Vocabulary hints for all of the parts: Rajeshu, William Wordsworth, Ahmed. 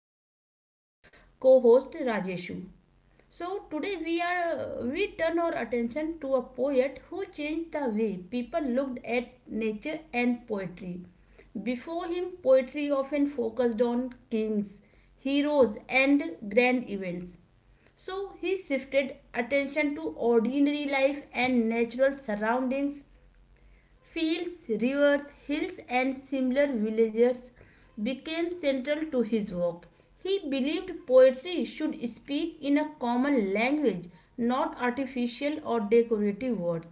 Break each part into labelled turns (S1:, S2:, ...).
S1: and we have a co-host Rajeshu. So today we turn our attention to a poet who changed the way people looked at nature and poetry. Before him, poetry often focused on kings, heroes, and grand events. So he shifted attention to ordinary life and natural surroundings. Fields, rivers, hills, and similar villages became central to his work. He believed poetry should speak in a common language, not artificial or decorative words.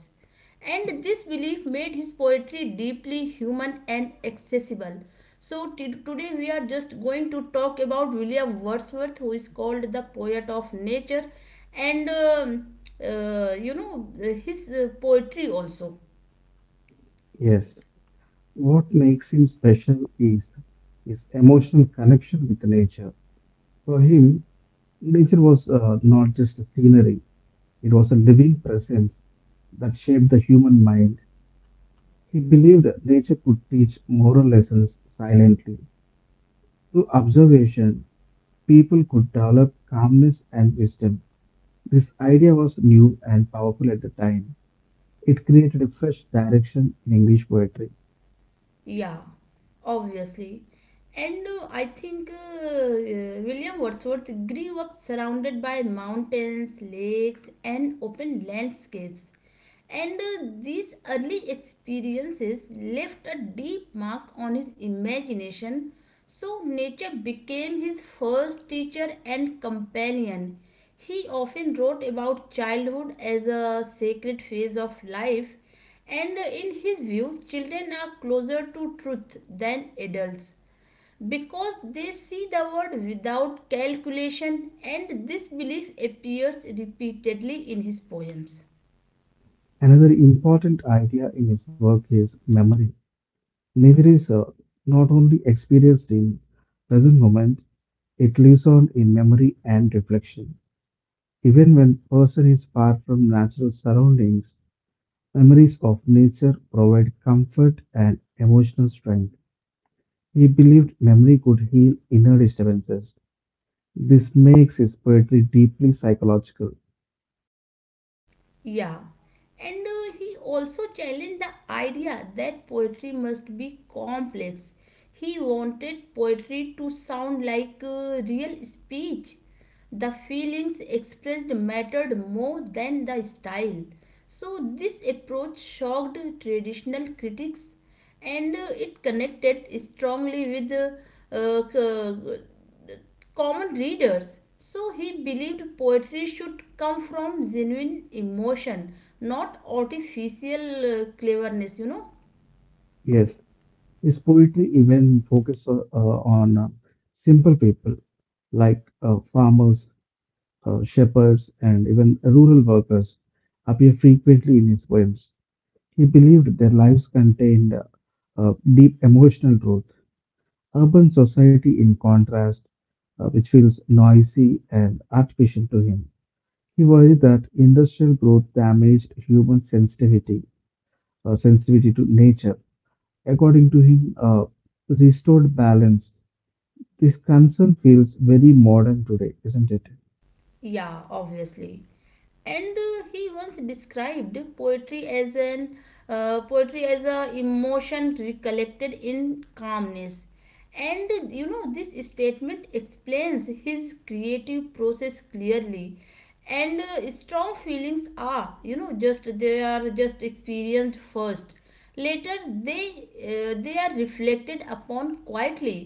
S1: And this belief made his poetry deeply human and accessible. So, today we are just going to talk about William Wordsworth, who is called the poet of nature, and um, uh, you know, his uh, poetry also.
S2: Yes, what makes him special is his emotional connection with nature. For him, nature was not just a scenery, it was a living presence that shaped the human mind. He believed nature could teach moral lessons silently. Through observation, people could develop calmness and wisdom. This idea was new and powerful at the time. It created a fresh direction in English poetry.
S1: Yeah, obviously. And I think William Wordsworth grew up surrounded by mountains, lakes, and open landscapes. And these early experiences left a deep mark on his imagination, so nature became his first teacher and companion. He often wrote about childhood as a sacred phase of life, and in his view, children are closer to truth than adults because they see the word without calculation, and this belief appears repeatedly in his poems.
S2: Another important idea in his work is memory. Nature is not only experienced in present moment, it lives on in memory and reflection. Even when person is far from natural surroundings, memories of nature provide comfort and emotional strength. He believed memory could heal inner disturbances. This makes his poetry deeply psychological.
S1: Yeah, and he also challenged the idea that poetry must be complex. He wanted poetry to sound like real speech. The feelings expressed mattered more than the style. So, this approach shocked traditional critics, and it connected strongly with uh, uh, common readers. So he believed poetry should come from genuine emotion, not artificial cleverness, you know?
S2: Yes, his poetry even focuses on simple people like farmers, shepherds, and even rural workers appear frequently in his poems. He believed their lives contained deep emotional truth. Urban society, in contrast, which feels noisy and artificial to him. He worried that industrial growth damaged human sensitivity, sensitivity to nature. According to him, restored balance. This concern feels very modern today, isn't it?
S1: Yeah, obviously. And he once described poetry as an poetry as a emotion recollected in calmness. And you know, this statement explains his creative process clearly. And strong feelings are, you know, just they are just experienced first, later they they are reflected upon quietly,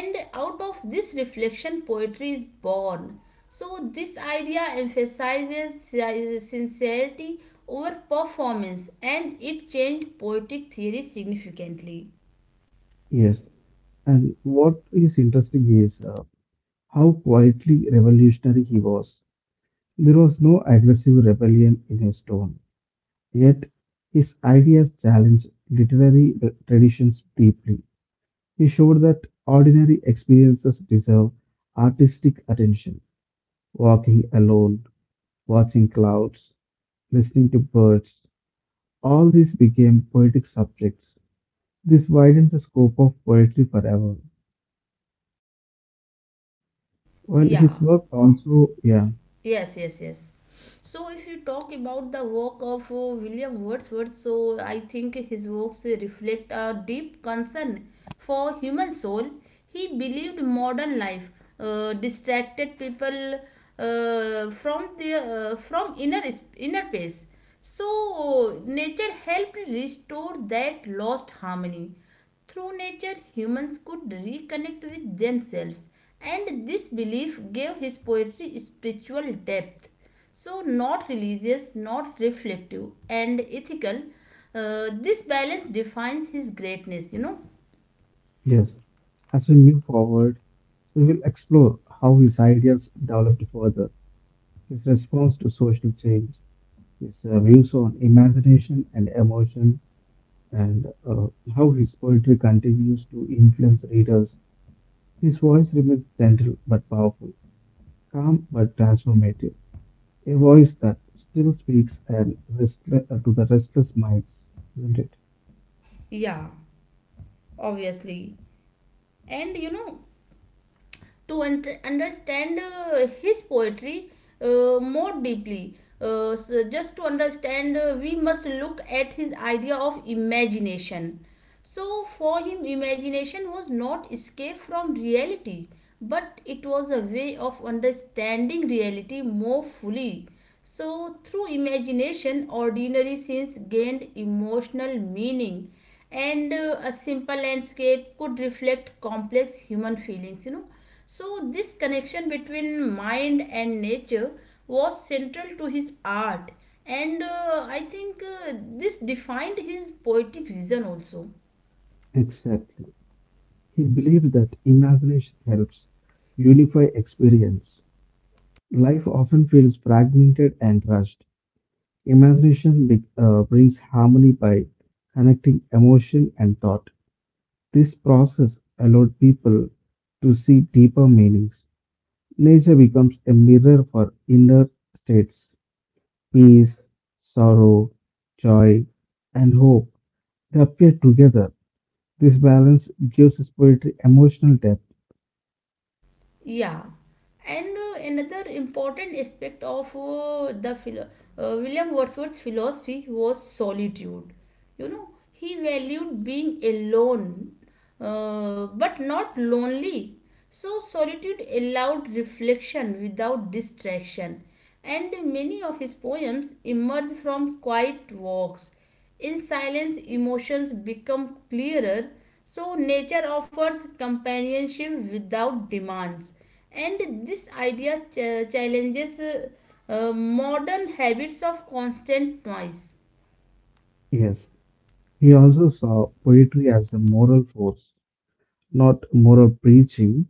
S1: and out of this reflection poetry is born. So this idea emphasizes sincerity over performance, and it changed poetic theory significantly.
S2: Yes. And what is interesting is how quietly revolutionary he was. There was no aggressive rebellion in his tone, yet his ideas challenged literary traditions deeply. He showed that ordinary experiences deserve artistic attention. Walking alone, watching clouds, listening to birds, all these became poetic subjects. This widened the scope of poetry forever. Well,
S1: Yeah.
S2: his work also, yeah,
S1: Yes. So, if you talk about the work of William Wordsworth, so I think his works reflect a deep concern for human soul. He believed modern life distracted people from inner peace. So, nature helped restore that lost harmony. Through nature, humans could reconnect with themselves, and this belief gave his poetry spiritual depth. So, not religious, not reflective, and ethical, this balance defines his greatness, you know.
S2: yes. As we move forward, we will explore how his ideas developed further, his response to social change, his views on imagination and emotion, and how his poetry continues to influence readers. His voice remains gentle but powerful, calm but transformative, a voice that still speaks and to the restless minds, isn't it?
S1: Yeah, obviously. And you know, to understand his poetry more deeply. So just to understand, we must look at his idea of imagination. So, for him, imagination was not escape from reality, but it was a way of understanding reality more fully. So, through imagination, ordinary scenes gained emotional meaning, and a simple landscape could reflect complex human feelings, you know. So, this connection between mind and nature was central to his art, and I think this defined his poetic vision also.
S2: Exactly. He believed that imagination helps unify experience. Life often feels fragmented and rushed. Brings harmony by connecting emotion and thought. This process allowed people to see deeper meanings. Nature becomes a mirror for inner states peace, sorrow, joy, and hope. They appear together. This balance gives his poetry emotional depth.
S1: Yeah, and another important aspect of William Wordsworth's philosophy was solitude. You know, he valued being alone, but not lonely. So, solitude allowed reflection without distraction, and many of his poems emerge from quiet walks. In silence, emotions become clearer, so nature offers companionship without demands. And this idea challenges modern habits of constant noise.
S2: Yes, he also saw poetry as a moral force, not moral preaching,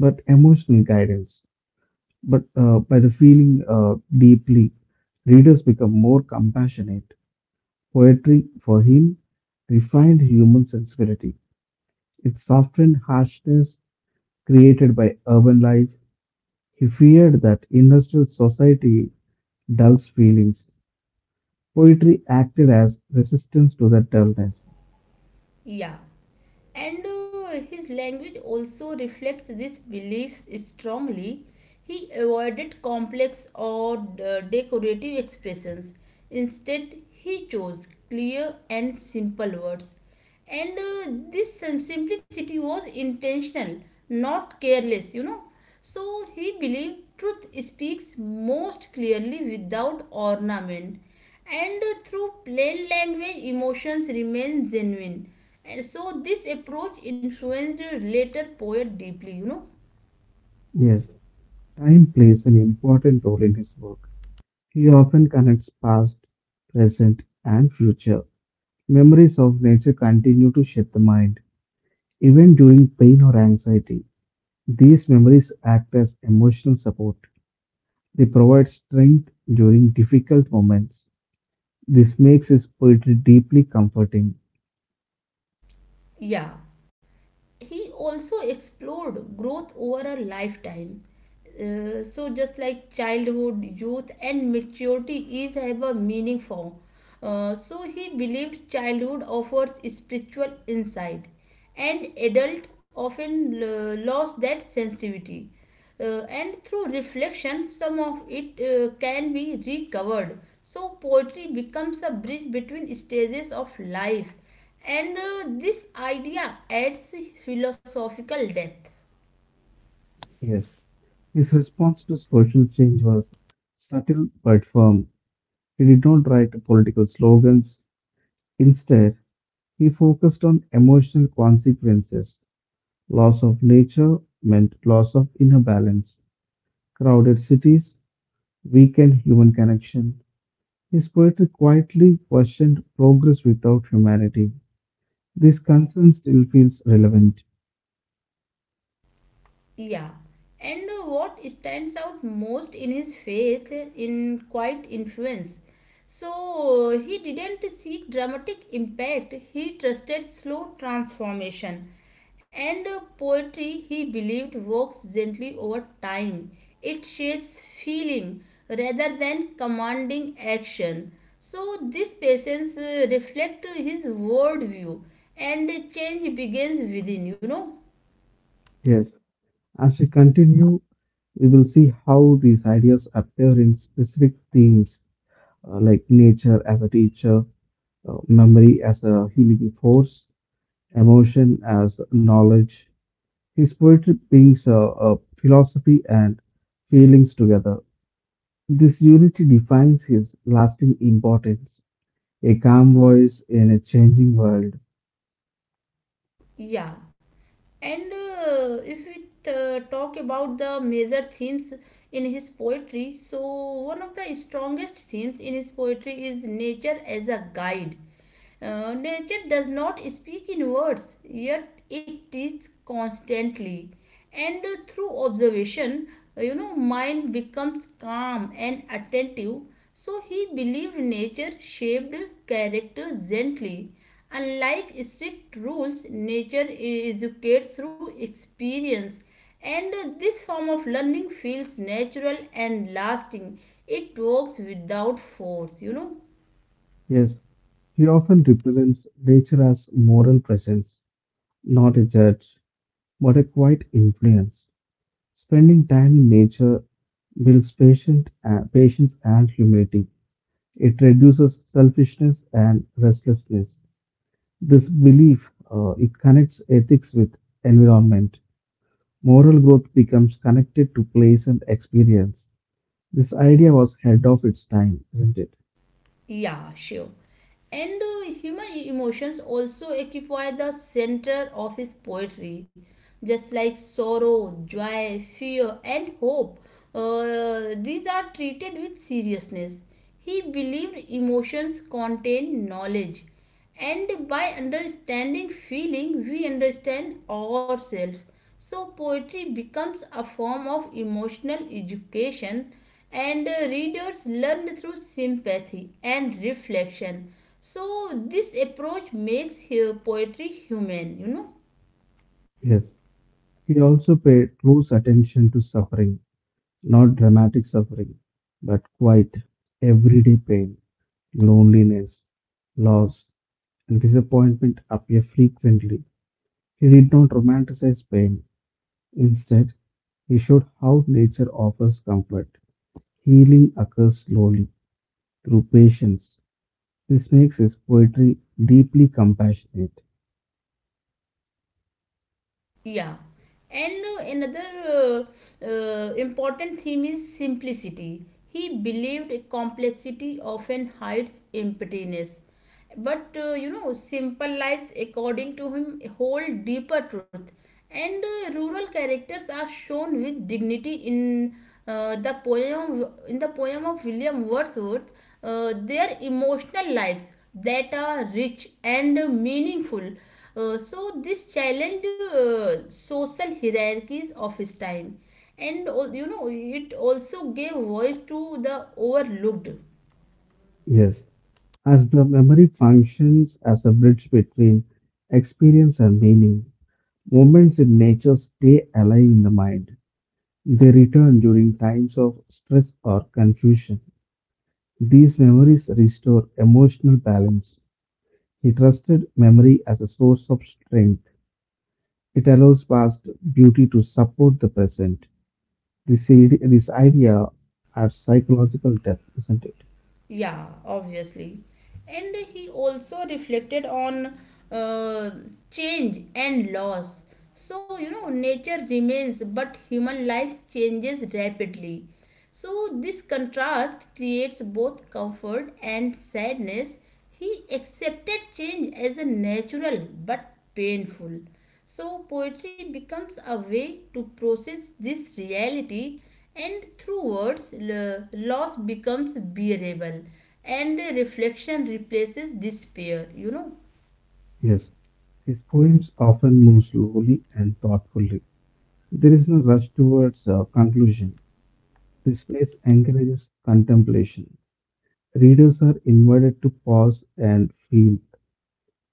S2: but emotional guidance. But by the feeling deeply, readers become more compassionate. Poetry, for him, refined human sensibility. It softened harshness created by urban life. He feared that industrial society dulls feelings. Poetry acted as resistance to that dullness.
S1: Yeah. And his language also reflects these beliefs strongly. He avoided complex or decorative expressions. Instead, he chose clear and simple words. And this simplicity was intentional, not careless, you know. So he believed truth speaks most clearly without ornament, and through plain language, emotions remain genuine. And so this approach influenced later poet deeply, you know.
S2: Yes, time plays an important role in his work. He often connects past, present, and future. Memories of nature continue to shape the mind. Even during pain or anxiety, these memories act as emotional support. They provide strength during difficult moments. This makes his poetry deeply comforting.
S1: Yeah, he also explored growth over a lifetime. So just like childhood, youth, and maturity each have a meaning for. So he believed childhood offers spiritual insight, and adult often lost that sensitivity. And through reflection, some of it can be recovered. So poetry becomes a bridge between stages of life, and this idea adds philosophical depth.
S2: Yes, his response to social change was subtle but firm. He did not write political slogans. Instead, he focused on emotional consequences. Loss of nature meant loss of inner balance. Crowded cities weakened human connection. His poetry quietly questioned progress without humanity. This concern still feels relevant.
S1: Yeah. And what stands out most in his faith in quiet influence. So he didn't seek dramatic impact, he trusted slow transformation. And poetry, he believed, works gently over time. It shapes feeling rather than commanding action. So this patience reflect his worldview, and change begins within, you know.
S2: Yes, as we continue, we will see how these ideas appear in specific themes like nature as a teacher, memory as a healing force, emotion as knowledge. His poetry brings philosophy and feelings together. This unity defines his lasting importance, a calm voice in a changing world.
S1: Yeah, and if we talk about the major themes in his poetry, so one of the strongest themes in his poetry is nature as a guide. Nature does not speak in words, yet it teaches constantly. And through observation, you know, mind becomes calm and attentive, so he believed nature shaped character gently. Unlike strict rules, nature educates through experience, and this form of learning feels natural and lasting. It works without force, you know.
S2: Yes, he often represents nature as moral presence, not a judge, but a quiet influence. Spending time in nature builds patience and humility. It reduces selfishness and restlessness. This belief it connects ethics with environment. Moral growth becomes connected to place and experience. This idea was ahead of its time, isn't it?
S1: Yeah, sure. And human emotions also occupy the center of his poetry, just like sorrow, joy, fear, and hope. These are treated with seriousness. He believed emotions contain knowledge, and by understanding feeling, we understand ourselves. So, poetry becomes a form of emotional education, and readers learn through sympathy and reflection. So, this approach makes poetry human, you know.
S2: Yes. He also paid close attention to suffering, not dramatic suffering, but quiet, everyday pain, loneliness, loss, and disappointment appear frequently. He did not romanticize pain. Instead, he showed how nature offers comfort. Healing occurs slowly through patience. This makes his poetry deeply compassionate.
S1: Yeah, and another important theme is simplicity. He believed complexity often hides emptiness. But you know, simple lives, according to him, hold deeper truth. And rural characters are shown with dignity in the poem of William Wordsworth. Their emotional lives that are rich and meaningful. So this challenged social hierarchies of his time, and you know, it also gave voice to the overlooked.
S2: Yes, as the memory functions as a bridge between experience and meaning, moments in nature stay alive in the mind. They return during times of stress or confusion. These memories restore emotional balance. He trusted memory as a source of strength. It allows past beauty to support the present. This idea has psychological depth, isn't it?
S1: Yeah, obviously. And he also reflected on uh, change and loss. So, you know, nature remains, but human life changes rapidly. So, this contrast creates both comfort and sadness. He accepted change as a natural but painful. So, poetry becomes a way to process this reality, and through words, loss becomes bearable, and reflection replaces despair, you know.
S2: Yes. His poems often move slowly and thoughtfully. There is no rush towards a conclusion. This phase encourages contemplation. Readers are invited to pause and feel.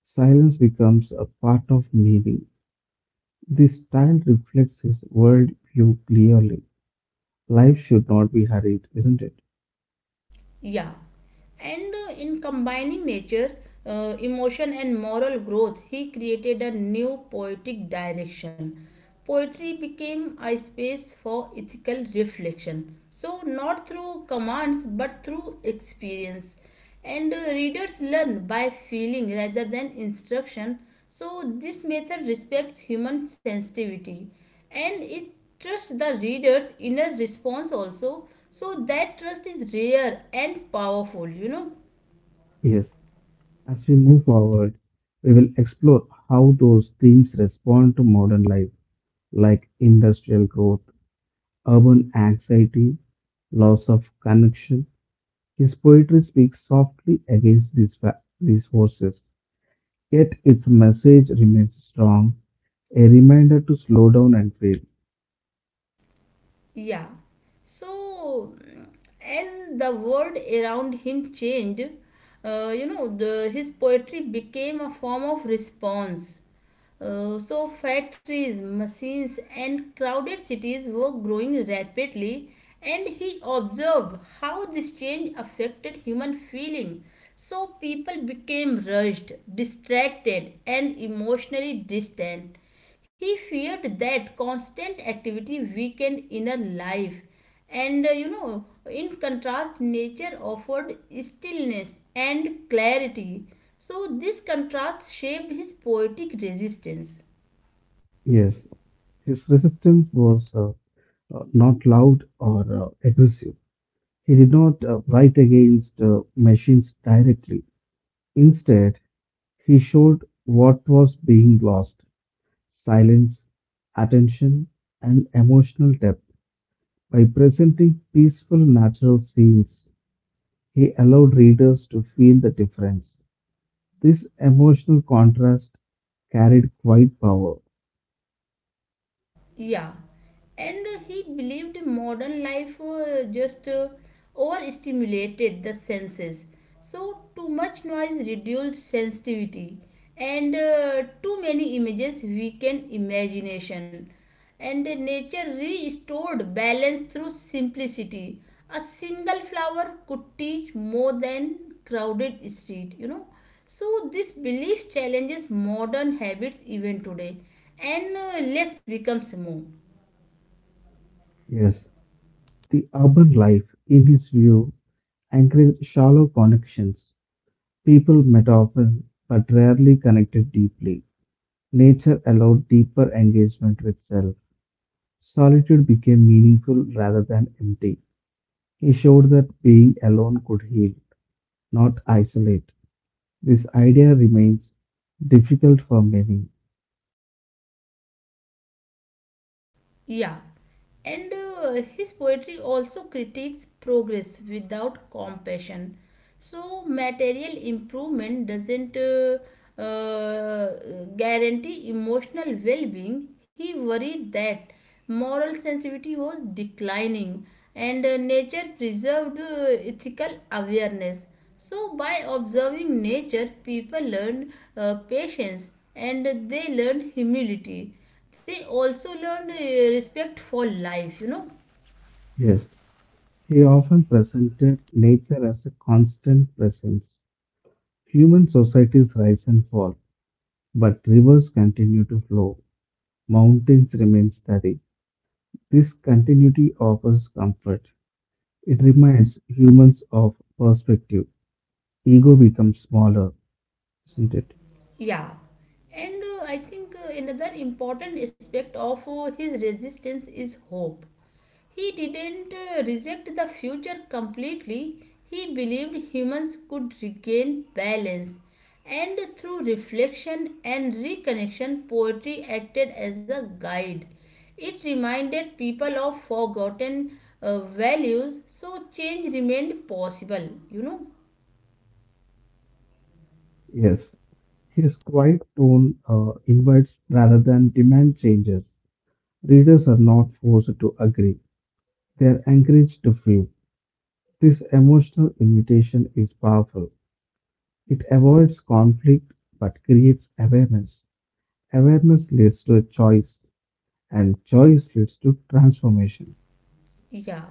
S2: Silence becomes a part of meaning. This style reflects his worldview clearly. Life should not be hurried, isn't it?
S1: Yeah. And in combining nature, emotion, and moral growth, he created a new poetic direction. Poetry became a space for ethical reflection. So, not through commands but through experience, and readers learn by feeling rather than instruction. So this method respects human sensitivity, and it trusts the reader's inner response also. So that trust is rare and powerful, you know.
S2: Yes. As we move forward, we will explore how those themes respond to modern life, like industrial growth, urban anxiety, loss of connection. His poetry speaks softly against these forces, yet its message remains strong, a reminder to slow down and feel.
S1: Yeah. So, as the world around him changed, you know, his poetry became a form of response. So, factories, machines, and crowded cities were growing rapidly, and he observed how this change affected human feeling. So, people became rushed, distracted, and emotionally distant. He feared that constant activity weakened inner life, and you know, in contrast, nature offered stillness and clarity. So, this contrast shaped his poetic resistance.
S2: Yes, his resistance was not loud or aggressive. He did not fight against machines directly. Instead, he showed what was being lost silence, attention, and emotional depth. By presenting peaceful natural scenes, he allowed readers to feel the difference. This emotional contrast carried quite power.
S1: Yeah, and he believed modern life just overstimulated the senses. So, too much noise reduced sensitivity, and too many images weakened imagination. And nature restored balance through simplicity. A single flower could teach more than crowded street, you know. So this belief challenges modern habits even today, and less becomes more.
S2: Yes, the urban life, in his view, encouraged shallow connections. People met often but rarely connected deeply. Nature allowed deeper engagement with self. Solitude became meaningful rather than empty. He showed that being alone could heal, not isolate. This idea remains difficult for many.
S1: Yeah, and his poetry also critiques progress without compassion. So material improvement doesn't guarantee emotional well-being. He worried that moral sensitivity was declining, and nature preserved ethical awareness. So, by observing nature, people learned patience, and they learned humility. They also learned respect for life, you know.
S2: Yes, he often presented nature as a constant presence. Human societies rise and fall. But rivers continue to flow, mountains remain steady. This continuity offers comfort. It reminds humans of perspective. Ego becomes smaller, isn't it?
S1: Yeah, and I think another important aspect of his resistance is hope. He didn't reject the future completely, he believed humans could regain balance. And through reflection and reconnection, poetry acted as a guide. It reminded people of forgotten values, so change remained possible, you know.
S2: Yes. His quiet tone invites rather than demand changes. Readers are not forced to agree, they are encouraged to feel. This emotional invitation is powerful. It avoids conflict but creates awareness. Awareness leads to a choice, and choice leads to transformation.
S1: Yeah,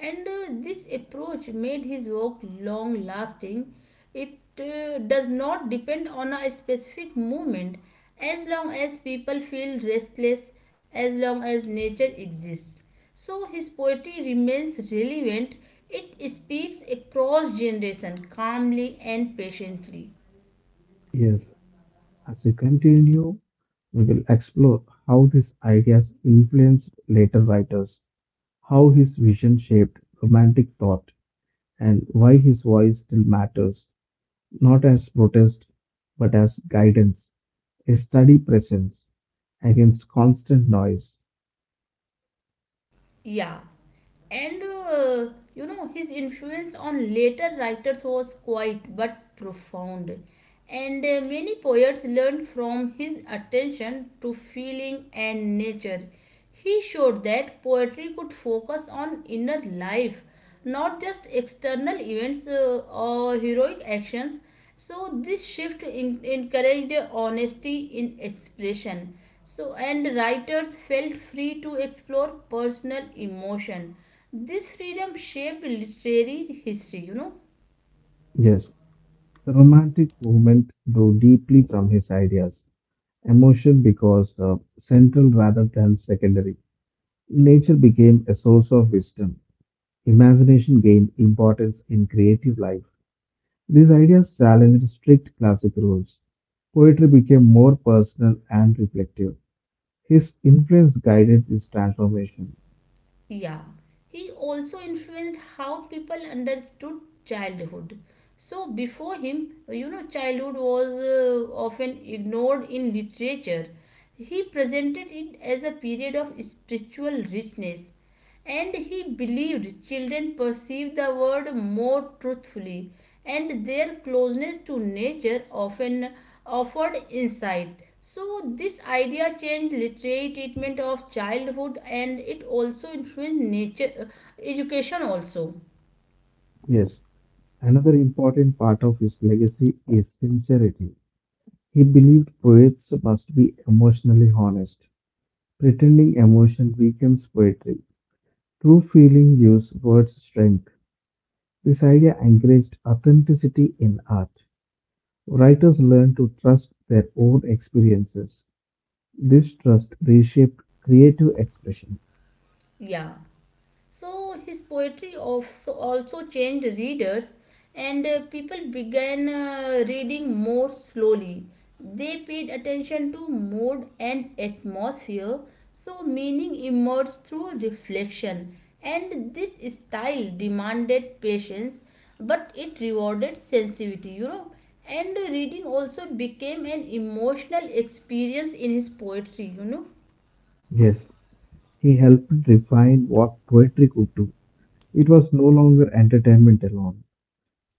S1: and this approach made his work long lasting. It does not depend on a specific movement. As long as people feel restless, as long as nature exists. So his poetry remains relevant. It speaks across generation calmly and patiently.
S2: Yes, as we continue, we will explore how these ideas influenced later writers, how his vision shaped romantic thought, and why his voice still matters, not as protest but as guidance, a steady presence against constant noise.
S1: Yeah, and you know, his influence on later writers was quite but profound. And many poets learned from his attention to feeling and nature. He showed that poetry could focus on inner life, not just external events or heroic actions. So this shift encouraged honesty in expression. So and writers felt free to explore personal emotion. This freedom shaped literary history, you know.
S2: Yes, the romantic movement drew deeply from his ideas, emotion because central rather than secondary. Nature became a source of wisdom. Imagination gained importance in creative life. These ideas challenged strict classic rules. Poetry became more personal and reflective. His influence guided this transformation.
S1: Yeah, he also influenced how people understood childhood. So before him, you know, childhood was often ignored in literature. He presented it as a period of spiritual richness, and he believed children perceive the world more truthfully, and their closeness to nature often offered insight. So, this idea changed literary treatment of childhood, and it also influenced nature education also.
S2: Yes, another important part of his legacy is sincerity. He believed poets must be emotionally honest. Pretending emotion weakens poetry. True feeling gives words strength. This idea encouraged authenticity in art. Writers learned to trust their own experiences. This trust reshaped creative expression.
S1: Yeah. So his poetry also changed readers, and people began reading more slowly. They paid attention to mood and atmosphere, so meaning emerged through reflection. And this style demanded patience, but it rewarded sensitivity. And reading also became an emotional experience in his poetry.
S2: Yes, he helped refine what poetry could do. It was no longer entertainment alone,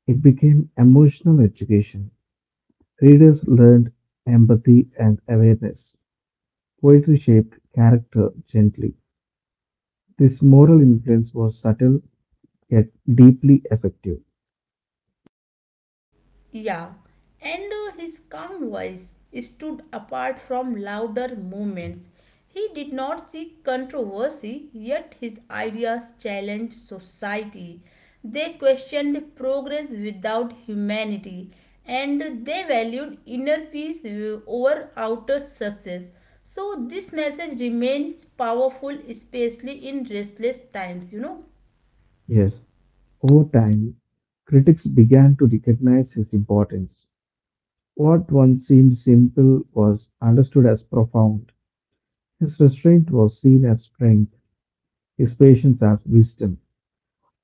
S2: it became emotional education. Readers learned empathy and awareness. Poetry shaped character gently. This moral influence was subtle yet deeply effective.
S1: Yeah, and his calm voice stood apart from louder movements. He did not seek controversy, yet his ideas challenged society. They questioned progress without humanity, and they valued inner peace over outer success. So, this message remains powerful, especially in restless times.
S2: Yes, over time, critics began to recognize his importance. What once seemed simple was understood as profound. His restraint was seen as strength, his patience as wisdom.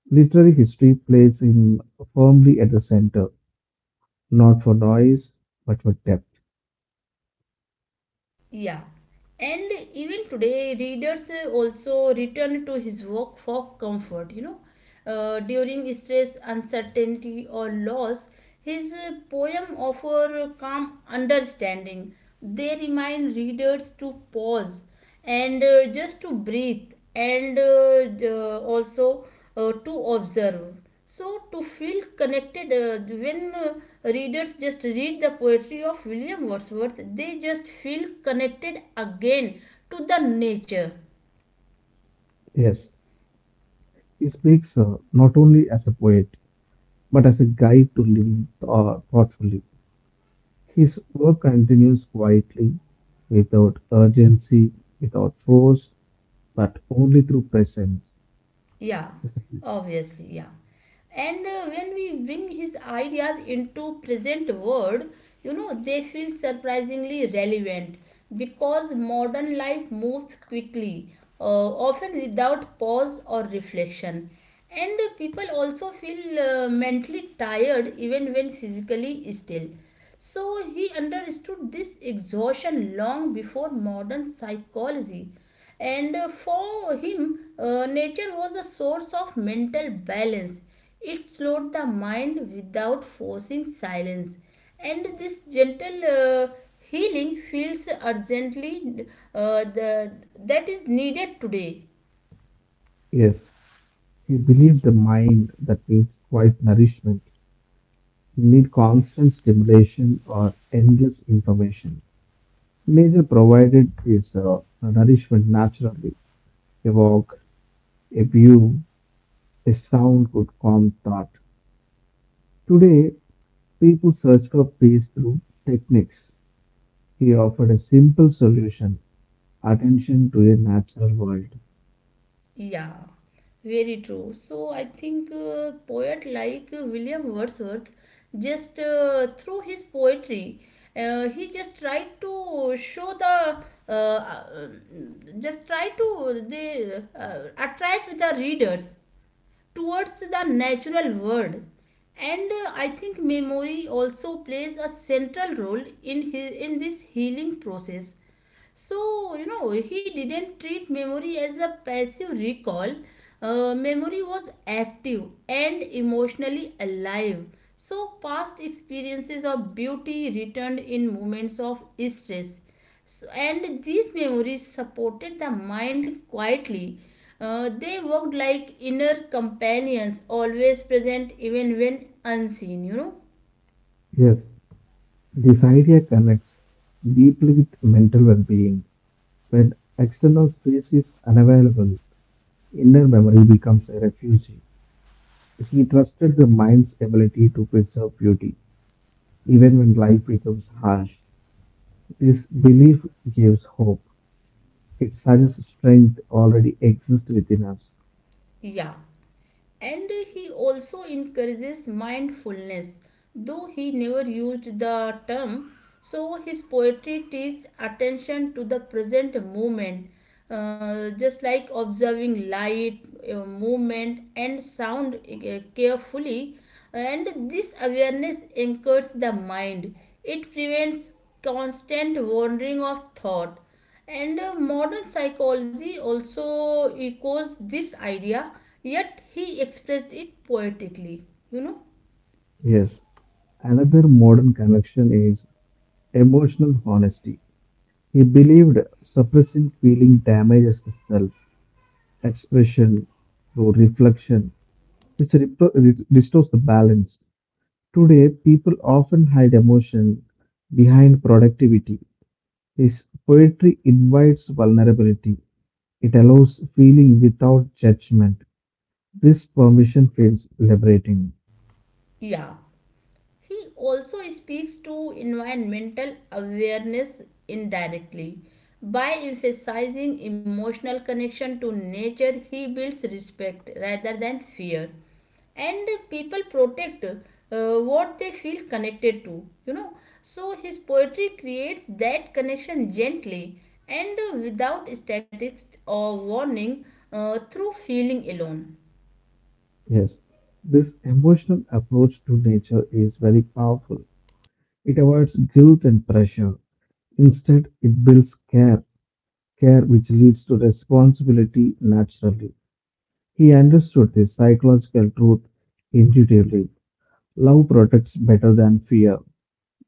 S2: Literary history places him firmly at the center, not for noise, but for depth.
S1: Yeah, and even today, readers also return to his work for comfort. During stress, uncertainty, or loss, his poem offer calm understanding. They remind readers to pause and just to breathe, and also to observe, so to feel connected when readers just read the poetry of william wordsworth, they just feel connected again to the nature.
S2: Yes, he speaks not only as a poet, but as a guide to living thoughtfully. His work continues quietly, without urgency, without force, but only through presence.
S1: Yeah, obviously, yeah. And when we bring his ideas into present world, they feel surprisingly relevant because modern life moves quickly, often without pause or reflection. And people also feel mentally tired even when physically still. So he understood this exhaustion long before modern psychology, and for him, nature was a source of mental balance. It slowed the mind without forcing silence, and this gentle healing feels urgently uh, the, that is needed today.
S2: Yes, he believed the mind that needs quiet nourishment will need constant stimulation or endless information. Nature provided this nourishment naturally. A walk, a view, a sound could calm thought. Today, people search for peace through techniques. He offered a simple solution attention to a natural world.
S1: Yeah, very true. So I think poet like William Wordsworth, just through his poetry, he just tried to show the uh, uh, just try to they attract the readers towards the natural world. And I think memory also plays a central role in this healing process. So he didn't treat memory as a passive recall. Memory was active and emotionally alive, so past experiences of beauty returned in moments of stress, and these memories supported the mind quietly. They worked like inner companions, always present even when unseen.
S2: Yes, this idea connects deeply with mental well being. When external space is unavailable, inner memory becomes a refuge. He trusted the mind's ability to preserve beauty, even when life becomes harsh. This belief gives hope. It suggests strength already exists within us.
S1: Yeah. And he also encourages mindfulness, though he never used the term. So his poetry teaches attention to the present moment, just like observing light, movement and sound, carefully. And this awareness anchors the mind. It prevents constant wandering of thought. And modern psychology also echoes this idea, yet he expressed it poetically. You know?
S2: Yes, another modern connection is emotional honesty. He believed suppressing feeling damages the self expression through reflection, which restores the balance. Today, people often hide emotion behind productivity. His poetry invites vulnerability. It allows feeling without judgment. This permission feels liberating.
S1: Yeah. He also speaks to environmental awareness indirectly. By emphasizing emotional connection to nature, he builds respect rather than fear. And people protect what they feel connected to. So his poetry creates that connection gently, and without statistics or warning, through feeling alone.
S2: Yes, this emotional approach to nature is very powerful. It avoids guilt and pressure. Instead, it builds care, care which leads to responsibility naturally. He understood this psychological truth intuitively. Love protects better than fear.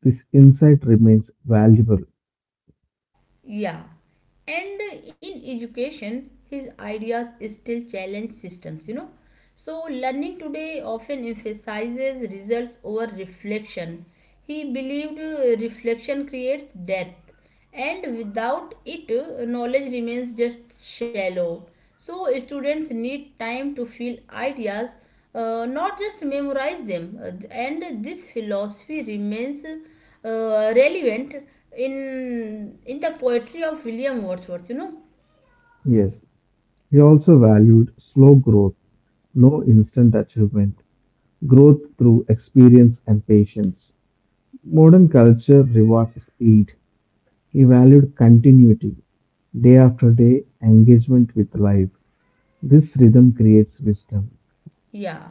S2: This insight remains valuable.
S1: Yeah, and in education, his ideas still challenge systems. So, learning today often emphasizes results over reflection. He believed reflection creates depth, and without it, knowledge remains just shallow. So, students need time to feel ideas, not just memorize them. And this philosophy remains relevant in the poetry of William Wordsworth.
S2: Yes. He also valued slow growth, no instant achievement, growth through experience and patience. Modern culture rewards speed. He valued continuity, day after day engagement with life. This rhythm creates wisdom.
S1: Yeah.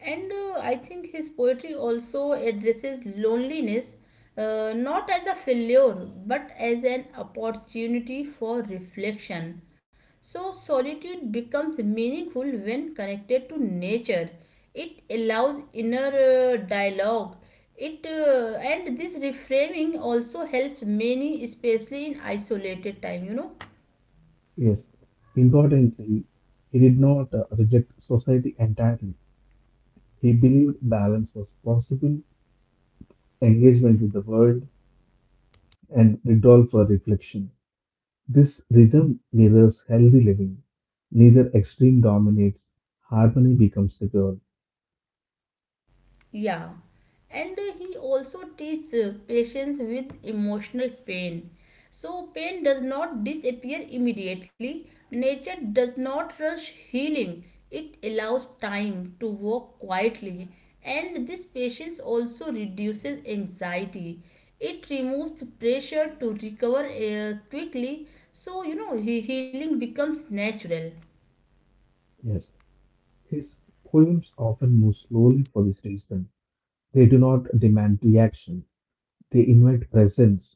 S1: And I think his poetry also addresses loneliness, not as a failure but as an opportunity for reflection. So, solitude becomes meaningful when connected to nature. It allows inner dialogue. It and this reframing also helps many, especially in isolated time.
S2: Yes, importantly, he did not reject society entirely. He believed balance was possible, engagement with the world, and withdrawal for reflection. This rhythm mirrors healthy living. Neither extreme dominates, harmony becomes the goal.
S1: Yeah, and he also teaches patience with emotional pain. So, pain does not disappear immediately. Nature does not rush healing, it allows time to work quietly. And this patience also reduces anxiety. It removes pressure to recover quickly, so healing becomes natural.
S2: Yes. His poems often move slowly for this reason. They do not demand reaction, they invite presence.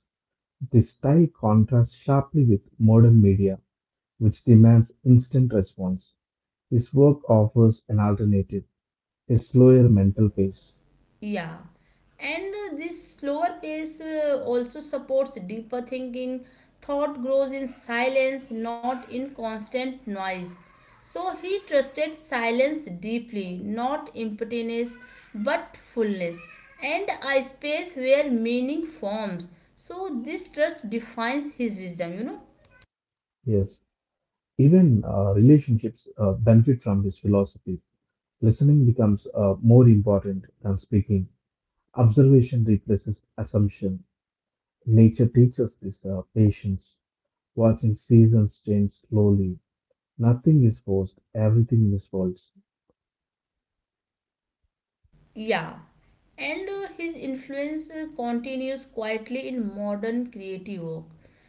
S2: This style contrasts sharply with modern media, which demands instant response. His work offers an alternative, a slower mental pace.
S1: Yeah, and this slower pace also supports deeper thinking. Thought grows in silence, not in constant noise. So he trusted silence deeply, not emptiness but fullness, and a space where meaning forms. So this trust defines his wisdom.
S2: Yes. Even relationships benefit from his philosophy. Listening becomes more important than speaking. Observation replaces assumption. Nature teaches this patience. Watching seasons change slowly. Nothing is forced, everything is false.
S1: Yeah, and his influence continues quietly in modern creative work.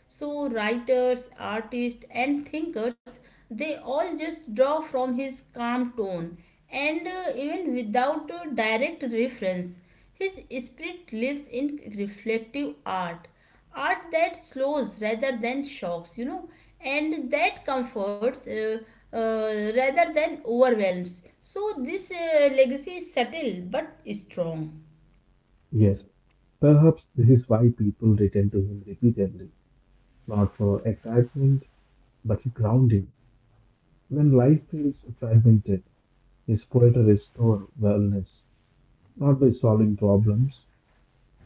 S1: So, writers, artists, and thinkers, they all just draw from his calm tone, and even without direct reference, his spirit lives in reflective art, art that slows rather than shocks, and that comforts, uh, rather than overwhelms. So this legacy is subtle but strong.
S2: Yes, perhaps this is why people return to him repeatedly, not for excitement, but for grounding. When life feels fragmented, his poetry restores wellness, not by solving problems,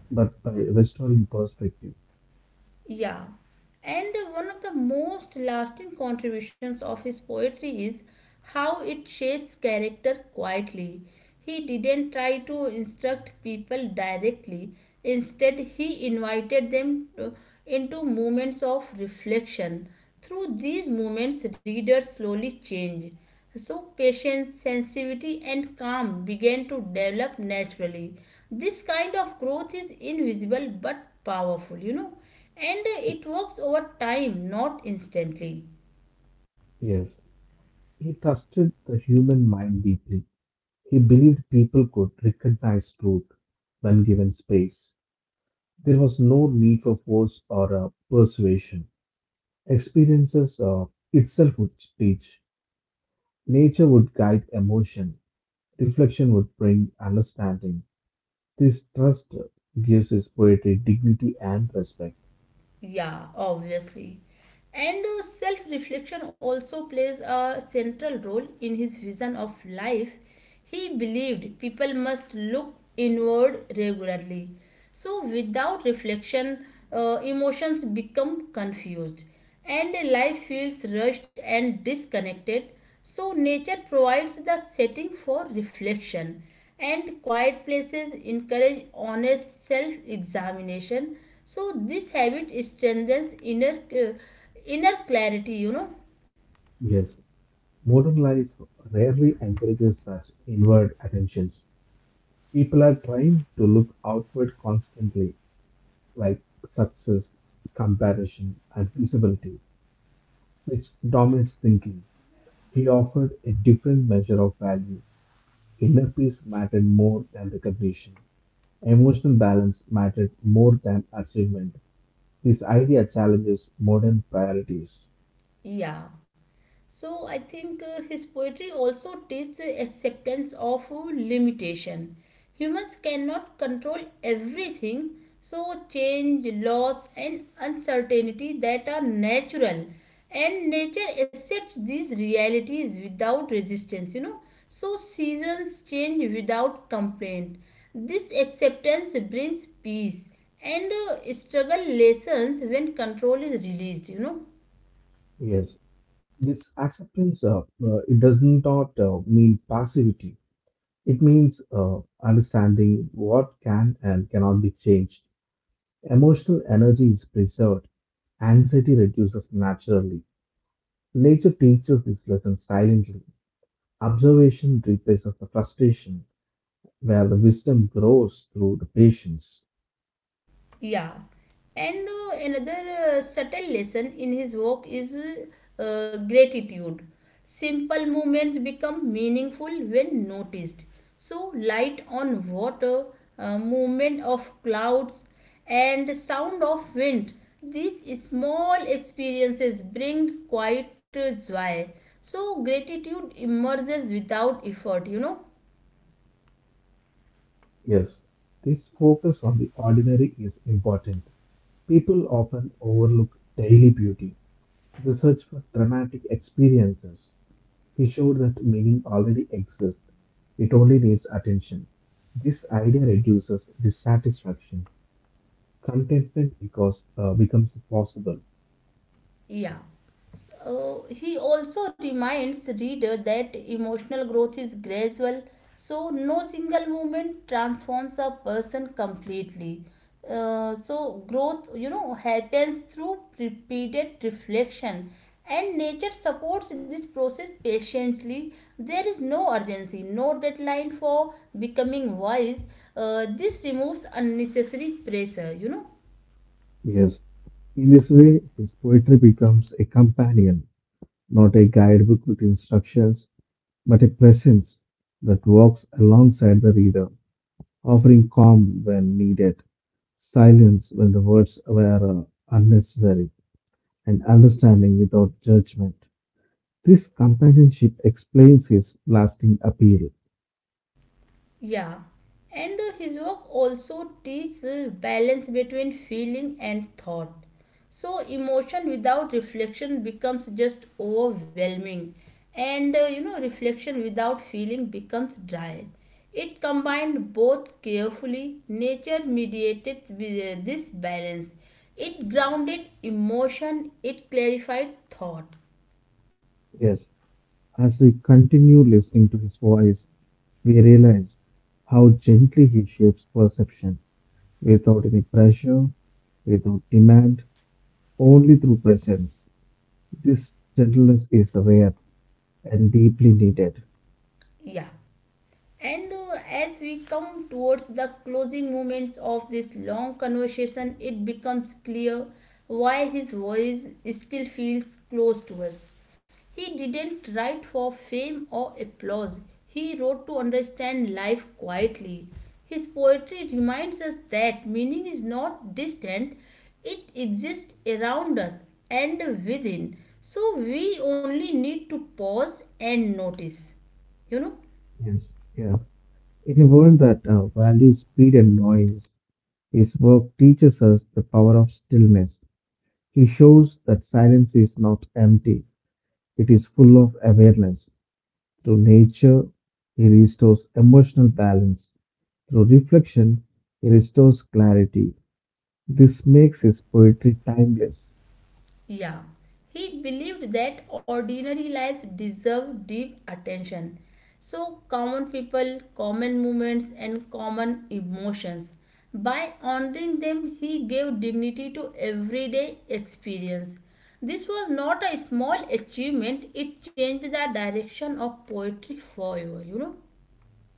S2: but by restoring perspective.
S1: Yeah, and one of the most lasting contributions of his poetry is how it shapes character quietly. He didn't try to instruct people directly. Instead, he invited them into moments of reflection. Through these moments, readers slowly change. So, patience, sensitivity, and calm began to develop naturally. This kind of growth is invisible but powerful, and it works over time, not instantly.
S2: Yes, he trusted the human mind deeply. He believed people could recognize truth when given space. There was no need for force or persuasion. Experiences itself would teach. Nature would guide emotion. Reflection would bring understanding. This trust gives his poetry dignity and respect.
S1: Yeah, obviously. And self-reflection also plays a central role in his vision of life. He believed people must look inward regularly. So without reflection, emotions become confused, and life feels rushed and disconnected. So, nature provides the setting for reflection, and quiet places encourage honest self examination. So, this habit strengthens inner clarity.
S2: Yes, modern life rarely encourages such inward attentions. People are trying to look outward constantly like success, comparison, and visibility, which dominates thinking. He offered a different measure of value. Inner peace mattered more than recognition. Emotional balance mattered more than achievement. This idea challenges modern priorities.
S1: Yeah. So I think his poetry also teaches acceptance of limitation. Humans cannot control everything, so change, loss, and uncertainty that are natural, and nature accepts these realities without resistance. So seasons change without complaint. This acceptance brings peace, and struggle lessons when control is released.
S2: Yes, this acceptance it does not mean passivity. It means understanding what can and cannot be changed. Emotional energy is preserved. Anxiety reduces naturally. Nature teaches this lesson silently. Observation replaces the frustration, where the wisdom grows through the patience.
S1: Yeah, and another subtle lesson in his work is gratitude. Simple movements become meaningful when noticed. So, light on water, movement of clouds, and sound of wind. These small experiences bring quite joy. So, gratitude emerges without effort.
S2: Yes, this focus on the ordinary is important. People often overlook daily beauty. The search for dramatic experiences. He showed that meaning already exists. It only needs attention. This idea reduces dissatisfaction. Contentment becomes possible.
S1: Yeah. So he also reminds reader that emotional growth is gradual, so no single moment transforms a person completely. So growth, happens through repeated reflection, and nature supports this process patiently. There is no urgency, no deadline for becoming wise. This removes unnecessary pressure.
S2: Yes, in this way, his poetry becomes a companion, not a guidebook with instructions, but a presence that walks alongside the reader, offering calm when needed, silence when the words were unnecessary, and understanding without judgment. This companionship explains his lasting appeal.
S1: Yeah, and his work also teaches balance between feeling and thought. So emotion without reflection becomes just overwhelming, and reflection without feeling becomes dry. It combined both carefully. Nature mediated with this balance. It grounded emotion. It clarified thought.
S2: Yes, as we continue listening to his voice, we realize how gently he shapes perception without any pressure, without demand, only through presence. This gentleness is rare and deeply needed.
S1: Yeah. And as we come towards the closing moments of this long conversation, it becomes clear why his voice still feels close to us. He didn't write for fame or applause, he wrote to understand life quietly. His poetry reminds us that meaning is not distant, it exists around us and within. So we only need to pause and notice. You know?
S2: Yes. Yeah. In a world that values speed and noise, his work teaches us the power of stillness. He shows that silence is not empty, it is full of awareness. Through nature, he restores emotional balance. Through reflection, he restores clarity. This makes his poetry timeless.
S1: Yeah, he believed that ordinary lives deserve deep attention. So, common people, common movements, and common emotions. By honoring them, he gave dignity to everyday experience. This was not a small achievement, it changed the direction of poetry forever.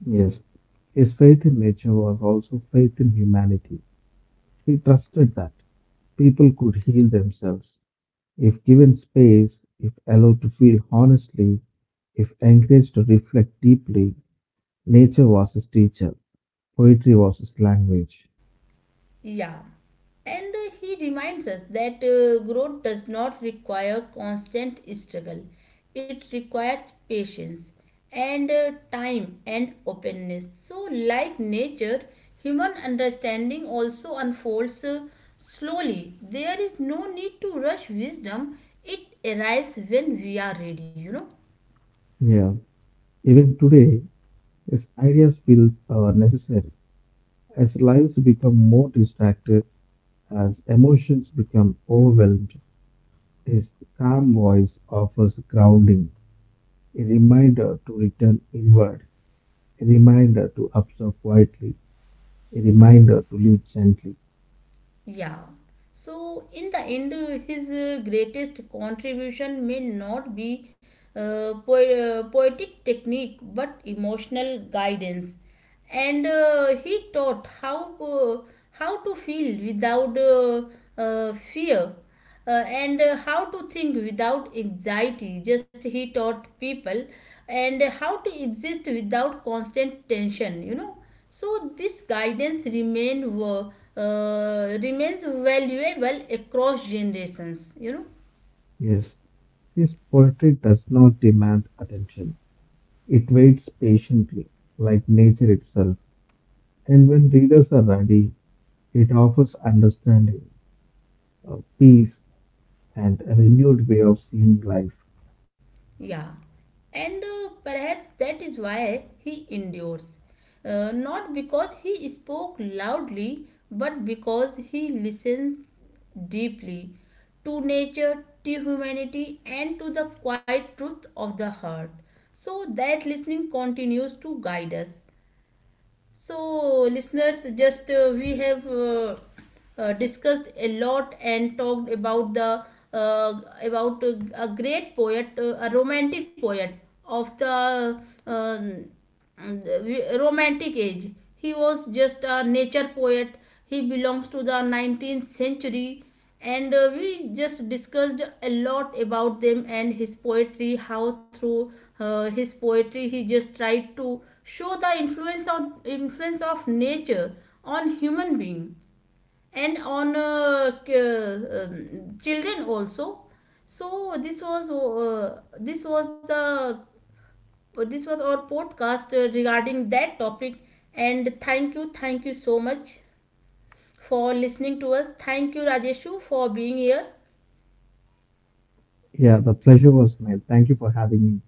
S2: Yes. His faith in nature was also faith in humanity. He trusted that people could heal themselves. If given space, if allowed to feel honestly, if encouraged to reflect deeply, nature was his teacher, poetry was his language.
S1: Yeah. And he reminds us that growth does not require constant struggle. It requires patience and time and openness. So, like nature, human understanding also unfolds slowly. There is no need to rush wisdom, it arrives when we are ready.
S2: Yeah. Even today, his ideas feel are necessary as lives become more distracted, as emotions become overwhelmed. His calm voice offers grounding, a reminder to return inward, a reminder to observe quietly, a reminder to live gently.
S1: Yeah. So in the end, his greatest contribution may not be poetic technique, but emotional guidance. And he taught how to feel without fear, and how to think without anxiety. Just he taught people, and how to exist without constant tension. So this guidance remains valuable across generations.
S2: Yes, his poetry does not demand attention. It waits patiently, like nature itself. And when readers are ready, it offers understanding, peace, and a renewed way of seeing life.
S1: Yeah, and perhaps that is why he endures, not because he spoke loudly, but because he listened deeply to nature, to humanity, and to the quiet truth of the heart. So that listening continues to guide us. So, listeners, just we have discussed a lot and talked about the about a great poet, a romantic poet of um, the romantic age. He was just a nature poet. He belongs to the 19th century, and we just discussed a lot about them and his poetry, how through his poetry he just tried to show the influence of nature on human being, and on children also. So this was our podcast, regarding that topic. And thank you, thank you so much for listening to us. Thank you, Rajeshu, for being here.
S2: Yeah, the pleasure was mine. Thank you for having me.